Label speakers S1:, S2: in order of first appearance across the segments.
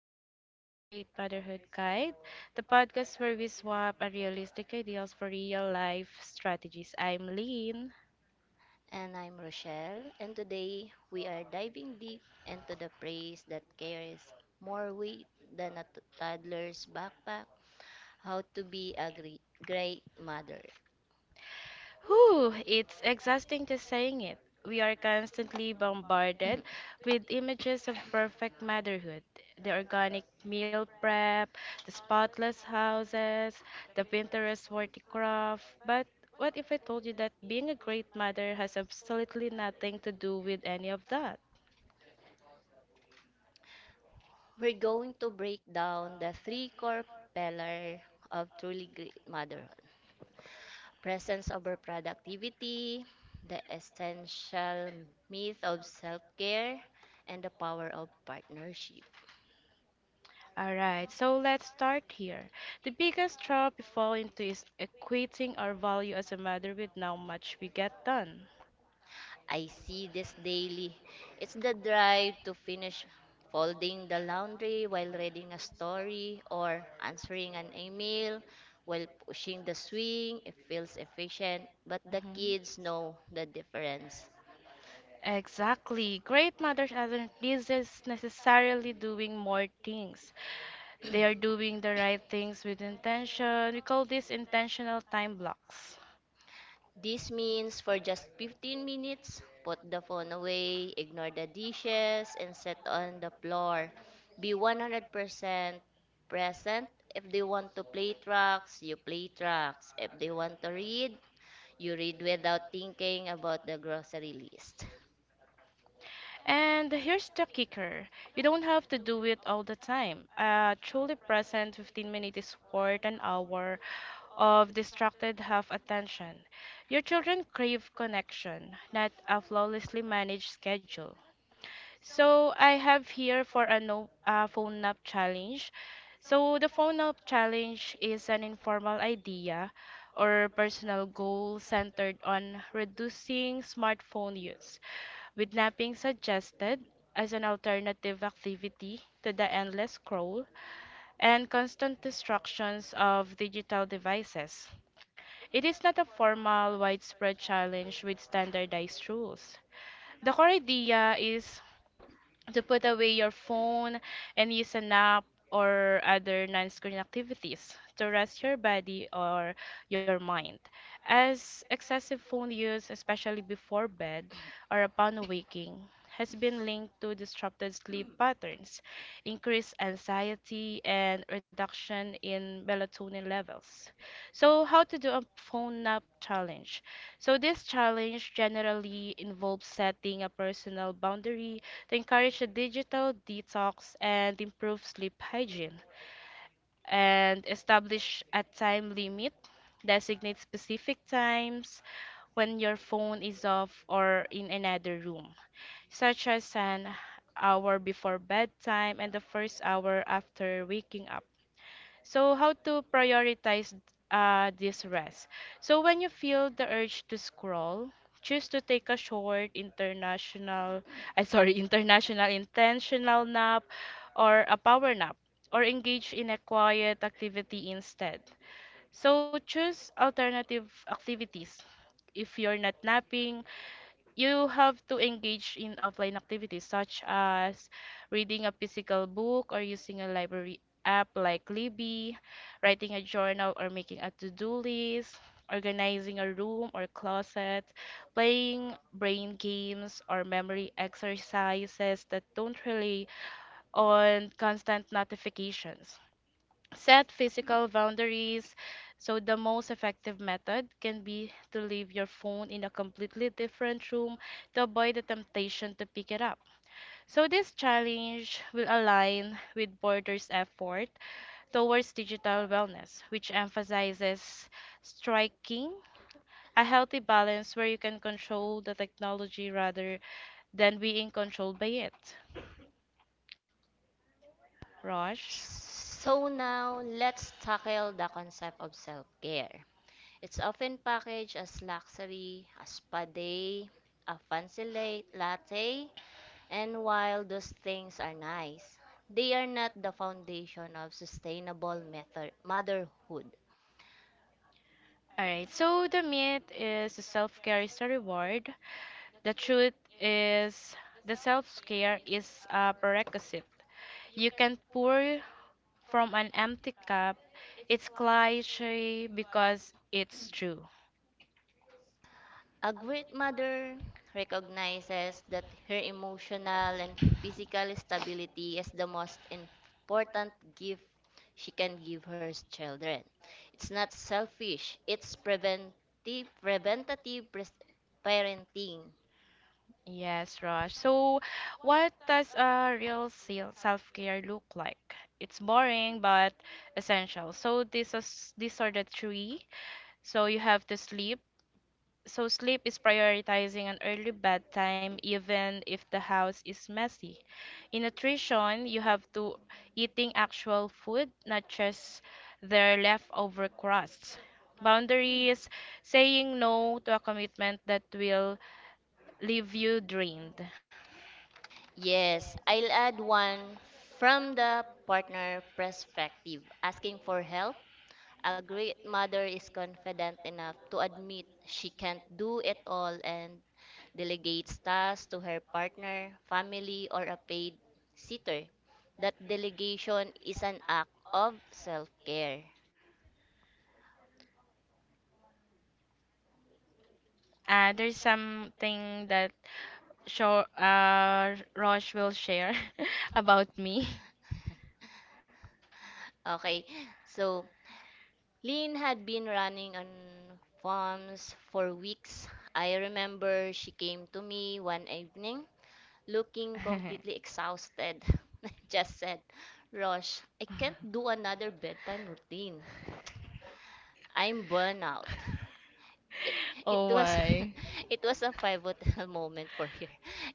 S1: welcome back to the Great Motherhood Guide, the podcast where we swap unrealistic ideals for real life strategies. I'm Lean.
S2: And I'm Rochelle, and today we are diving deep into the phrase that carries more weight than a toddler's backpack. How to be a great mother.
S1: Whew, it's exhausting just saying it. We are constantly bombarded with images of perfect motherhood. The organic meal prep, the spotless houses, the Pinterest worthy craft. But what if I told you that being a great mother has absolutely nothing to do with any of that?
S2: We're going to break down the three core pillars of truly great motherhood: presence over productivity, the essential myth of self care, and the power of partnership.
S1: All right, so let's start here. The biggest trap we fall into is equating our value as a matter with how much we get done.
S2: I see this daily. It's the drive to finish folding the laundry while reading a story, or answering an email while pushing the swing. It feels efficient, but the
S1: Mhm.
S2: kids know the difference.
S1: Exactly. Great mothers aren't necessarily doing more things. They are doing the right things with intention. We call this intentional time blocks.
S2: This means for just 15 minutes, put the phone away, ignore the dishes, and sit on the floor. Be 100% present. If they want to play tracks, you play tracks. If they want to read, you read without thinking about the grocery list.
S1: And here's the kicker. You don't have to do it all the time. A truly present 15 minutes is worth an hour of distracted half attention. Your children crave connection, not a flawlessly managed schedule. So I have here for a no a phone nap challenge. So the phone nap challenge is an informal idea or personal goal centered on reducing smartphone use, with napping suggested as an alternative activity to the endless scroll and constant distractions of digital devices. It is not a formal, widespread challenge with standardized rules. The core idea is to put away your phone and use a nap or other non-screen activities to rest your body or your mind, as excessive phone use, especially before bed or upon waking, has been linked to disrupted sleep patterns, increased anxiety, and reduction in melatonin levels. So, how to do a phone nap challenge? So, this challenge generally involves setting a personal boundary to encourage a digital detox and improve sleep hygiene, and establish a time limit, designate specific times when your phone is off or in another room, such as an hour before bedtime and the first hour after waking up. So, how to prioritize this rest? So, when you feel the urge to scroll, choose to take a short international, I sorry, international intentional nap or a power nap or engage in a quiet activity instead. So, choose alternative activities. If you're not napping, you have to engage in offline activities such as reading a physical book or using a library app like Libby, writing a journal or making a to-do list, organizing a room or closet, playing brain games or memory exercises that don't rely on constant notifications. Set physical boundaries. So, the most effective method can be to leave your phone in a completely different room to avoid the temptation to pick it up. So, this challenge will align with Border's effort towards digital wellness, which emphasizes striking a healthy balance where you can control the technology rather than being controlled by it. Rosh.
S2: So now, let's tackle the concept of self-care. It's often packaged as luxury, a spa day, a fancy latte, and while those things are nice, they are not the foundation of sustainable motherhood.
S1: All right, so the myth is self care is a reward. The truth is, the self care is a prerequisite. You can pour from an empty cup. It's cliche because it's true.
S2: A great mother recognizes that her emotional and physical stability is the most important gift she can give her children. It's not selfish, it's preventive, preventative parenting.
S1: Yes, Raj. So, what does a real self care look like? It's boring but essential. So, this is these are the three. So, you have to sleep. So sleep is prioritizing an early bedtime even if the house is messy. In nutrition, you have to eating actual food, not just their leftover crusts. Boundaries, saying no to a commitment that will leave you drained.
S2: Yes, I'll add one from the partner perspective: asking for help. A great mother is confident enough to admit she can't do it all, and delegates tasks to her partner, family, or a paid sitter. That delegation is an act of self-care.
S1: There's something that Roche will share about me.
S2: Okay, so Lynn had been running on farms for weeks. I remember she came to me one evening looking completely exhausted. Just said, "Rosh, I can't do another bedtime routine. I'm burnout." It, it
S1: Oh
S2: was
S1: my.
S2: it was a pivotal moment for her,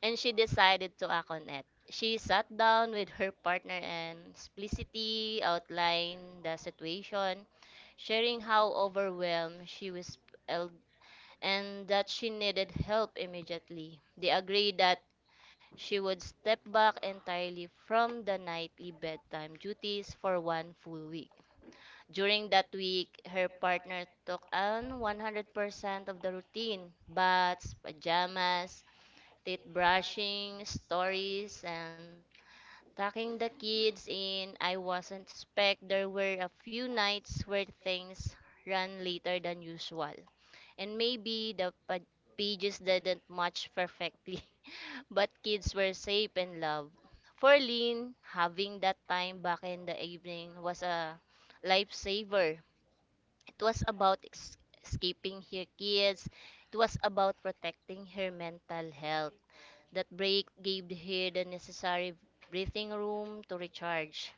S2: and she decided to act on it. She sat down with her partner and explicitly outlined the situation, sharing how overwhelmed she was el- and that she needed help immediately. They agreed that she would step back entirely from the nightly bedtime duties for one full week. During that week, her partner took on 100% of the routine: baths, pajamas, teeth brushing, stories, and tucking the kids in. I wasn't expect there were a few nights where things ran later than usual, and maybe the pages didn't match perfectly, but kids were safe and loved. For Lynn, having that time back in the evening was a lifesaver. It was about escaping her kids. It was about protecting her mental health. That break gave her the necessary breathing room to recharge.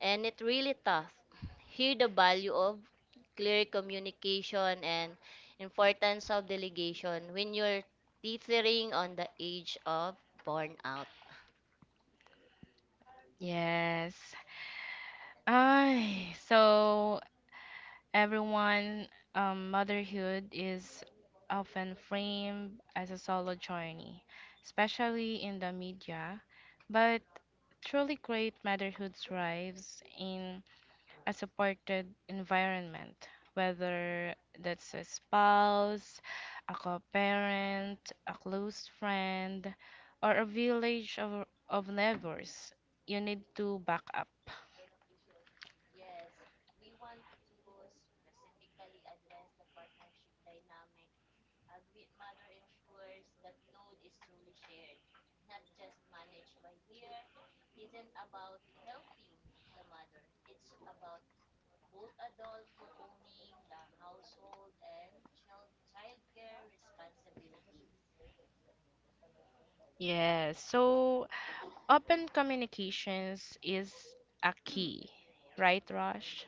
S2: And it really tough. Here the value of clear communication and importance of delegation when you're teetering on the edge of burnout.
S1: Yes. Ay, so everyone, motherhood is often framed as a solo journey, especially in the media. But truly great motherhood thrives in a supported environment, whether that's a spouse, a co-parent, a close friend, or a village of neighbors. You need to back up. Yes, so open communications is a key, right, Rosh?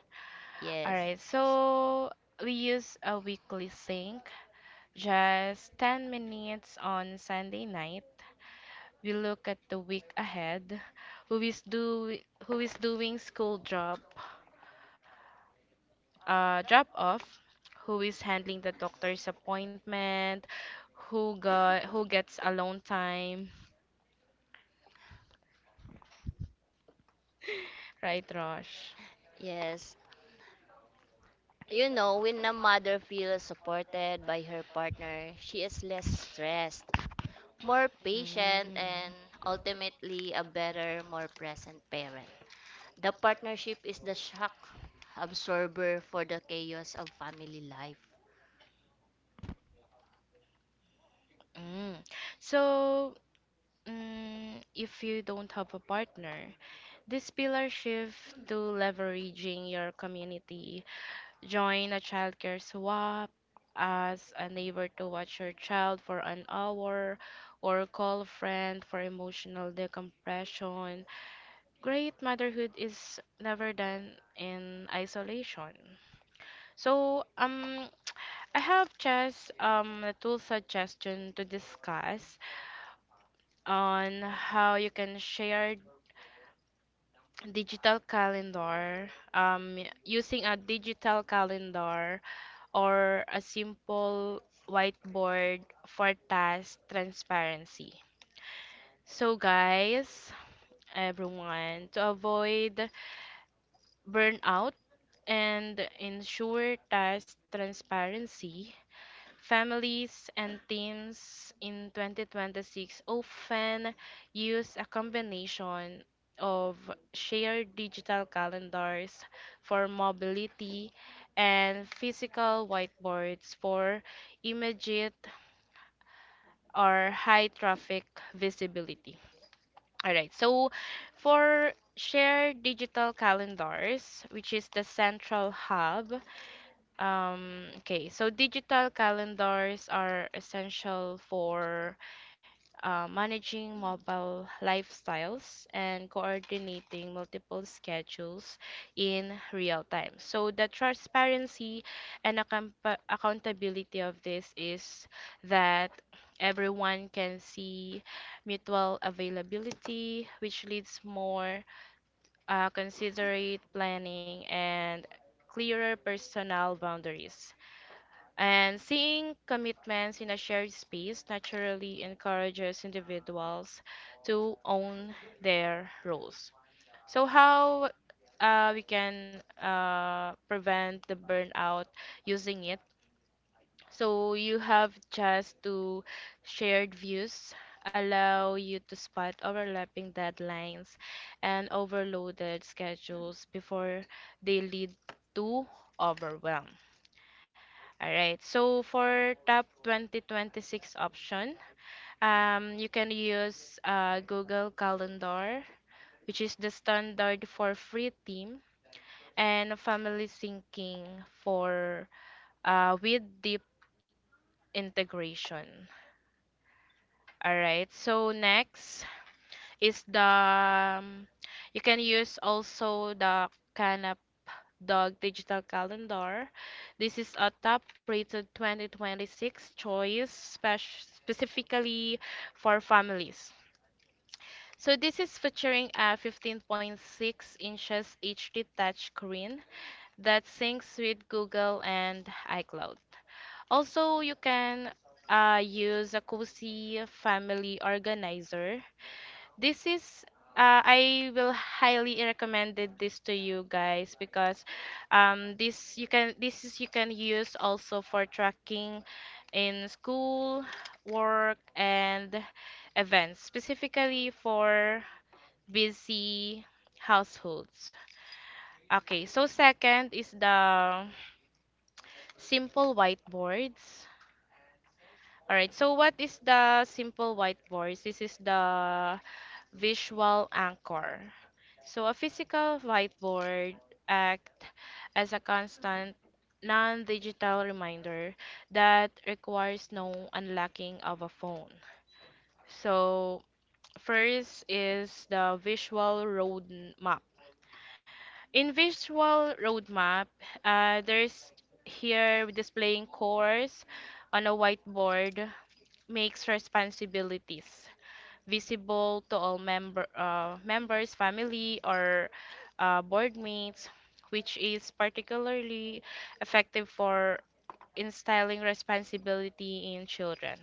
S1: All
S2: Yes.
S1: right, so we use a weekly sync, just 10 minutes on Sunday night. We look at the week ahead, who is do who is doing school drop off, who is handling the doctor's appointment, who gets alone time, right, Rosh?
S2: Yes. You know, when a mother feels supported by her partner, she is less stressed, more patient,
S1: Mm,
S2: and ultimately a better, more present parent. The partnership is the shock absorber for the chaos of family life.
S1: mm. So, mm, if you don't have a partner, this pillar shift to leveraging your community. Join a childcare swap, ask a neighbor to watch your child for an hour, or call a friend for emotional decompression. Great motherhood is never done in isolation. So, I have just a tool suggestion to discuss on how you can share digital calendar using a digital calendar or a simple whiteboard for task transparency. So, guys, everyone, to avoid burnout and ensure task transparency, families and teens in 2026 often use a combination of shared digital calendars for mobility and physical whiteboards for immediate or high traffic visibility. All right, so for shared digital calendars, which is the central hub, okay, so digital calendars are essential for managing mobile lifestyles, and coordinating multiple schedules in real time. So, the transparency and accountability of this is that everyone can see mutual availability, which leads more considerate planning and clearer personal boundaries. And seeing commitments in a shared space naturally encourages individuals to own their roles. So how we can prevent the burnout using it? So you have just to Shared views allow you to spot overlapping deadlines and overloaded schedules before they lead to overwhelm. All right. So for top 2026 option, you can use Google Calendar, which is the standard for free theme, and family syncing for with deep integration. All right. So next is the you can use also the Kana Dog Digital Calendar. This is a top-rated 2026 choice, specifically for families. So this is featuring a 15.6 inches HD touch screen that syncs with Google and iCloud. Also, you can use a cozy family organizer. This is I will highly recommended this to you guys because this is you can use also for tracking in school, work, and events, specifically for busy households. Okay, so second is the simple whiteboards. All right, so what is the simple white voice? This is the visual anchor. So a physical whiteboard act as a constant non-digital reminder that requires no unlocking of a phone. So first is the visual roadmap. In visual roadmap, there's here displaying course on a whiteboard makes responsibilities visible to all members, family, or board mates, which is particularly effective for instilling responsibility in children.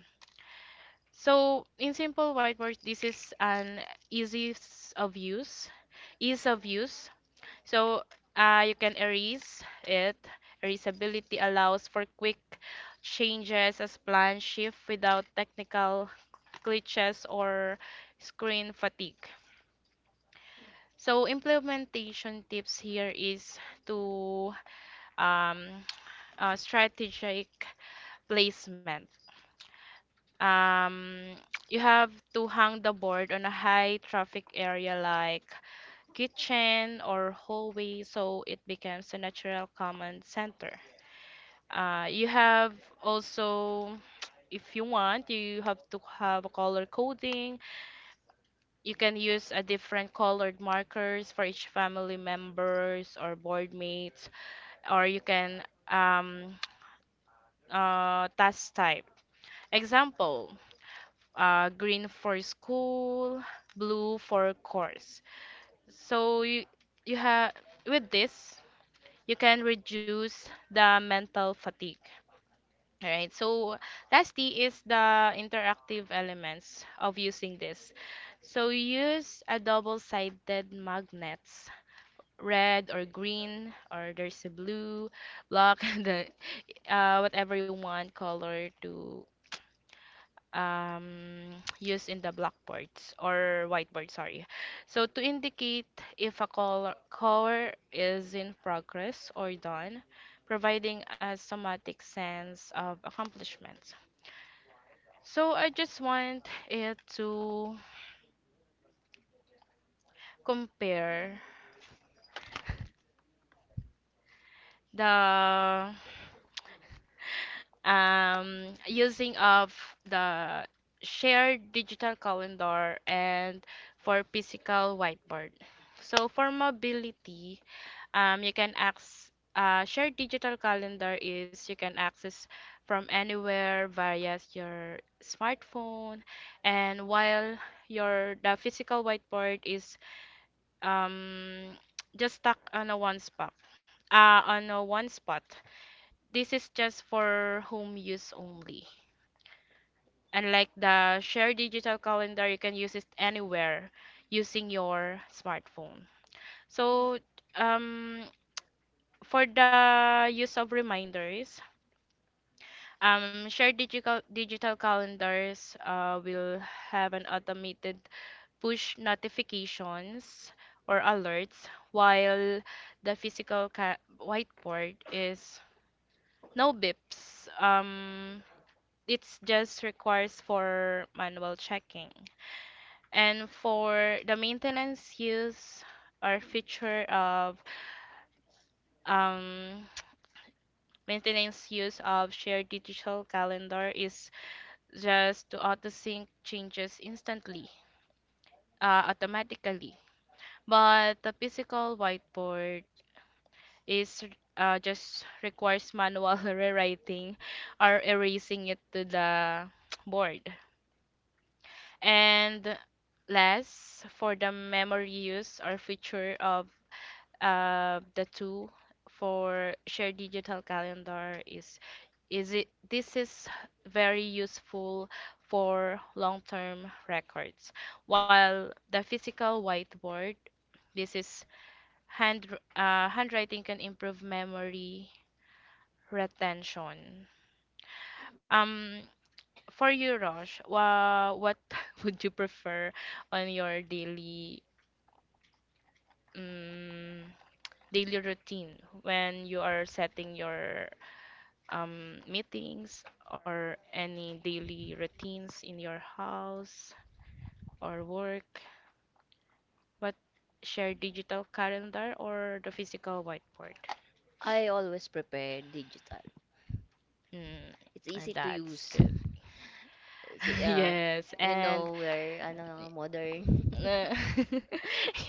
S1: So, in simple whiteboard, this is an easy s- of use, ease of use, so you can erase it. Erasability allows for quick changes as plan shift without technical glitches or screen fatigue. So implementation tips here is to um, strategic placement. Um, you have to hang the board on a high traffic area like kitchen or hallway so it becomes a natural command center. You have also, if you want, you have to have a color coding. You can use a different colored markers for each family members or board mates, or you can um, task type. Example, green for school, blue for course. So you have with this, you can reduce the mental fatigue. All right. So lastly is the interactive elements of using this. So use a double-sided magnets, red or green, or there's a blue, black, the whatever you want color to use in the blackboards or whiteboard, sorry. So to indicate if a color is in progress or done, providing a somatic sense of accomplishment. So I just want it to compare the using of the shared digital calendar and for physical whiteboard. So for mobility, you can access shared digital calendar is you can access from anywhere via your smartphone. And while your the physical whiteboard is um just stuck on a one spot on a one spot, this is just for home use only, unlike the shared digital calendar. You can use it anywhere using your smartphone. So um for the use of reminders, shared digital calendars will have an automated push notifications or alerts, while the whiteboard is no bips. It's just requires for manual checking. And for the maintenance use or feature of um, maintenance use of shared digital calendar is just to auto sync changes instantly, automatically. But the physical whiteboard is just requires manual rewriting or erasing it to the board. And last, for the memory use or feature of the tool for shared digital calendar is it this is very useful for long-term records, while the physical whiteboard, this is hand handwriting can improve memory retention. Um, for you, Rosh, what would you prefer on your daily um, daily routine when you are setting your meetings or any daily routines in your house or work? What, share digital calendar or the physical whiteboard?
S2: I always prepare digital. It's
S1: Mm,
S2: easy to
S1: that's
S2: use.
S1: good.
S2: Si- uh,
S1: Yes.
S2: you
S1: And
S2: know, we're ano, modern
S1: Uh,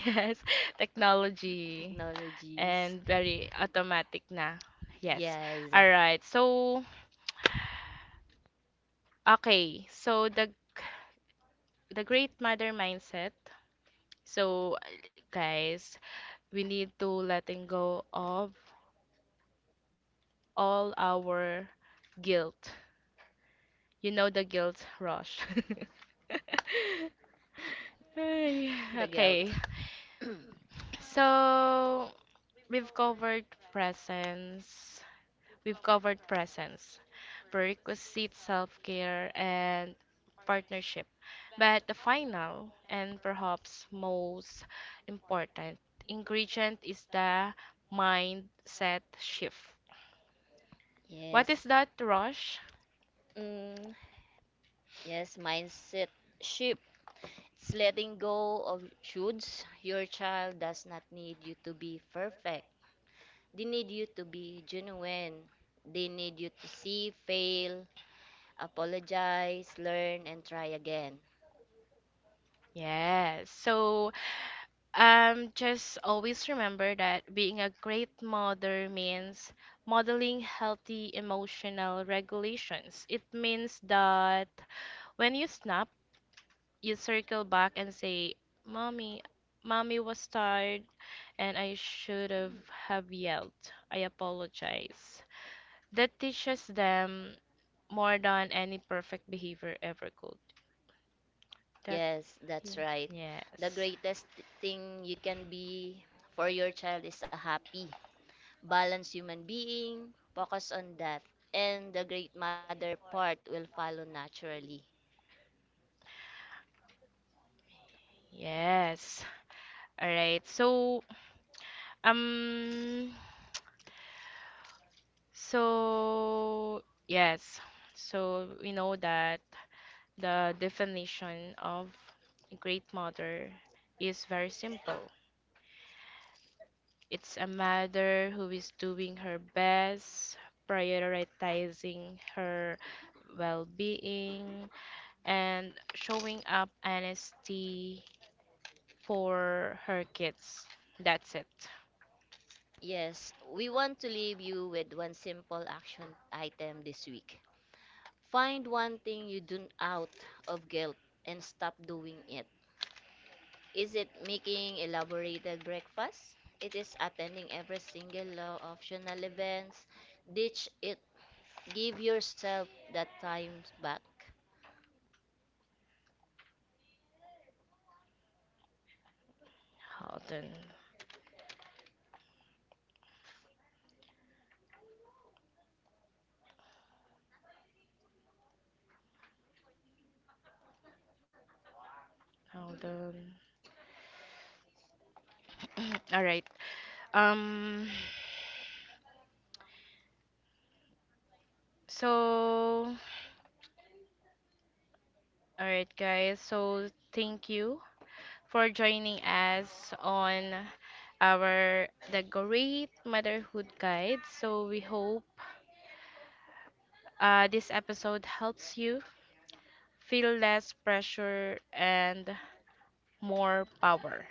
S1: yes, technology,
S2: technologies.
S1: and very automatic na. Yes.
S2: Yes.
S1: All right. Okay. So the great mother mindset. So, guys, we need to letting go of all our guilt. You know the guilt rush. Ay,
S2: The
S1: okay.
S2: guilt.
S1: So, we've covered presence. We've covered presence. Prerequisite self care and partnership. But the final and perhaps most important ingredient is the mindset shift. What
S2: Yes.
S1: is that, Rush?
S2: Mm, yes, mindset shift. It's letting go of shoulds. Your child does not need you to be perfect. They need you to be genuine. They need you to see, fail, apologize, learn, and try again.
S1: Yes. So, just always remember that being a great mother means modeling healthy emotional regulations. It means that when you snap, you circle back and say, "Mommy, mommy was tired, and I should have yelled. I apologize." That teaches them more than any perfect behavior ever could. That,
S2: Yes, that's
S1: yeah,
S2: right. The
S1: yes.
S2: greatest thing you can be for your child is a happy, balance human being, focus on death, and the Great Mother part will follow naturally.
S1: Yes. All right. So, um, so yes. So we know that the definition of a great mother is very simple. It's a mother who is doing her best, prioritizing her well being, and showing up honesty for her kids. That's it.
S2: Yes, we want to leave you with one simple action item this week. Find one thing you do out of guilt and stop doing it. Is it making elaborated breakfast? It is attending every single law optional events. Ditch it. Give yourself that time back.
S1: Hold on. Hold on. All right. Um. So, all right, guys. So, thank you for joining us on our The Great Motherhood Guide. So, we hope this episode helps you feel less pressure and more power.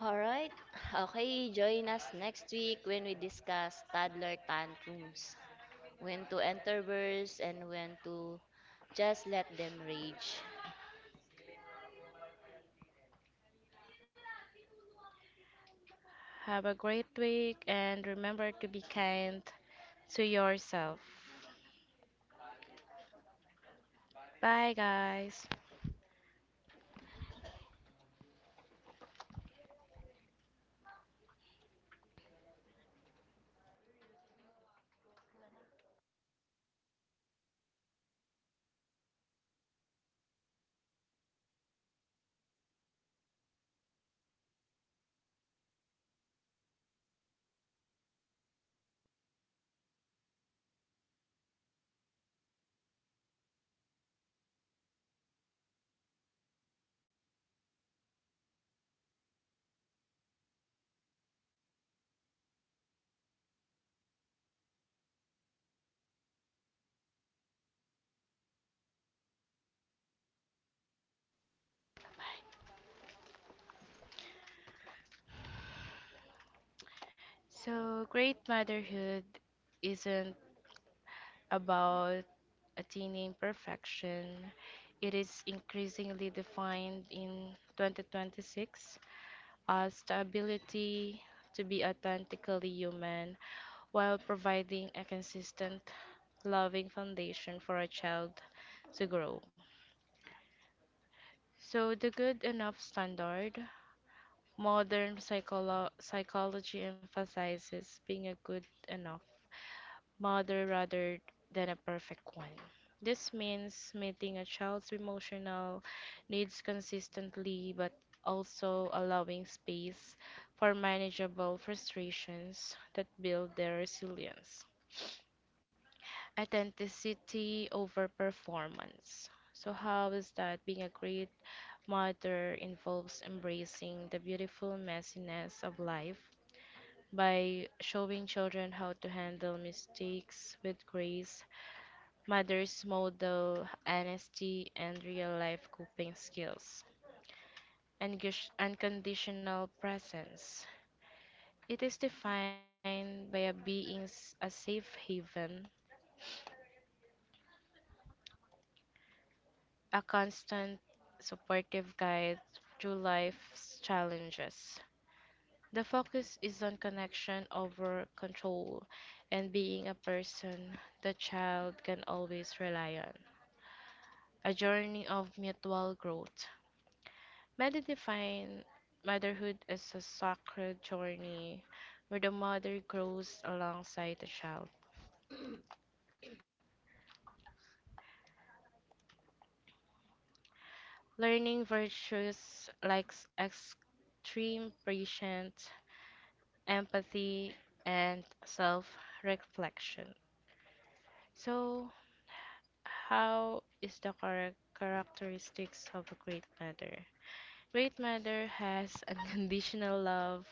S2: All right. Okay, join us next week when we discuss toddler tantrums, when to enter interverse and when to just let them rage.
S1: Have a great week and remember to be kind to yourself. Bye, guys. So, great motherhood isn't about attaining perfection. It is increasingly defined in 2026 as the ability to be authentically human while providing a consistent, loving foundation for a child to grow. So, the good enough standard, modern psychology emphasizes being a good enough mother rather than a perfect one. This means meeting a child's emotional needs consistently but also allowing space for manageable frustrations that build their resilience. Authenticity over performance. So, how is that being a great mother involves embracing the beautiful messiness of life. By showing children how to handle mistakes with grace, mothers model honesty and real life coping skills. Unconditional presence. It is defined by a safe haven, a constant, supportive guide through life's challenges. The focus is on connection over control and being a person the child can always rely on. A journey of mutual growth. Many define motherhood as a sacred journey where the mother grows alongside the child, learning virtues like extreme patience, empathy, and self reflection. So, how is the correct characteristics of a great mother? Great mother has unconditional love,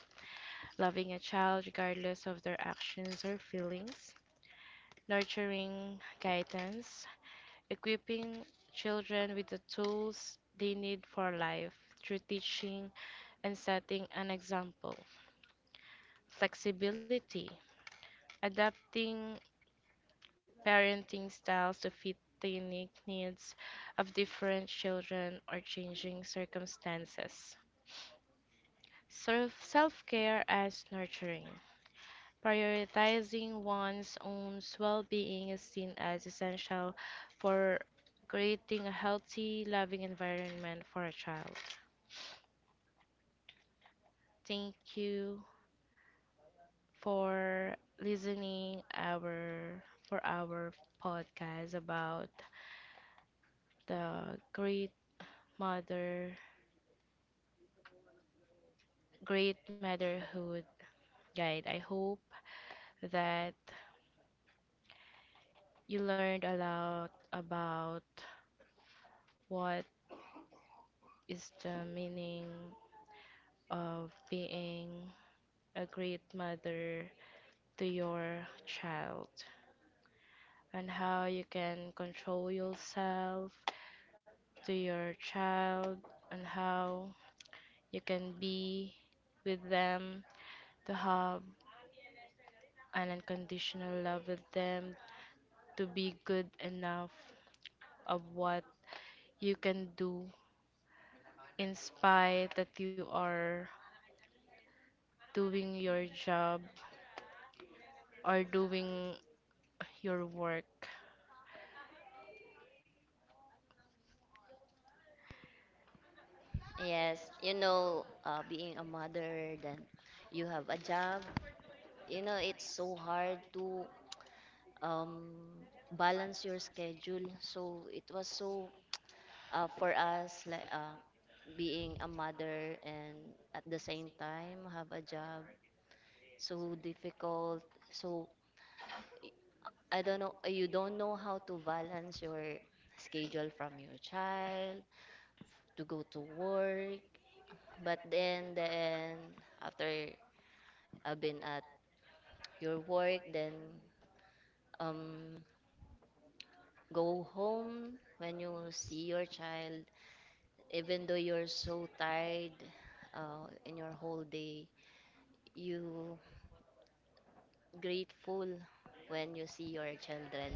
S1: loving a child regardless of their actions or feelings; nurturing guidance, equipping children with the tools they need for life through teaching and setting an example; flexibility, adapting parenting styles to fit the unique needs of different children or changing circumstances; self care as nurturing, prioritizing one's own well being is seen as essential for creating a healthy, loving environment for a child. Thank you for listening our for our podcast about the mother Great Motherhood Guide. I hope that you learned a lot about what is the meaning of being a great mother to your child, and how you can control yourself to your child, and how you can be with them to have an unconditional love with them, to be good enough of what you can do in spite that you are doing your job or doing your work.
S2: Yes, you know, being a mother, then you have a job. You know, it's so hard to um, balance your schedule. So it was so for us, like being a mother and at the same time have a job, so difficult. So I don't know, you don't know how to balance your schedule from your child to go to work. But then after I've been at your work, then um go home when you see your child. Even though you're so tired in your whole day, you grateful when you see your children.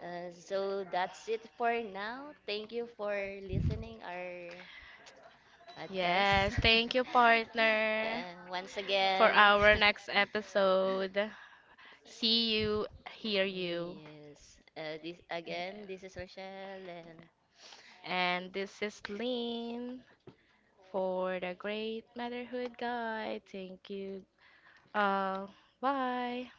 S2: So that's it for now. Thank you for listening our podcast.
S1: Yes, thank you, partner,
S2: And once
S1: for
S2: again,
S1: our next episode. See you, hear you.
S2: yes, this again, this is Rochelle, and
S1: And this is Lynn for the Great Motherhood Guide. Thank you all. Bye.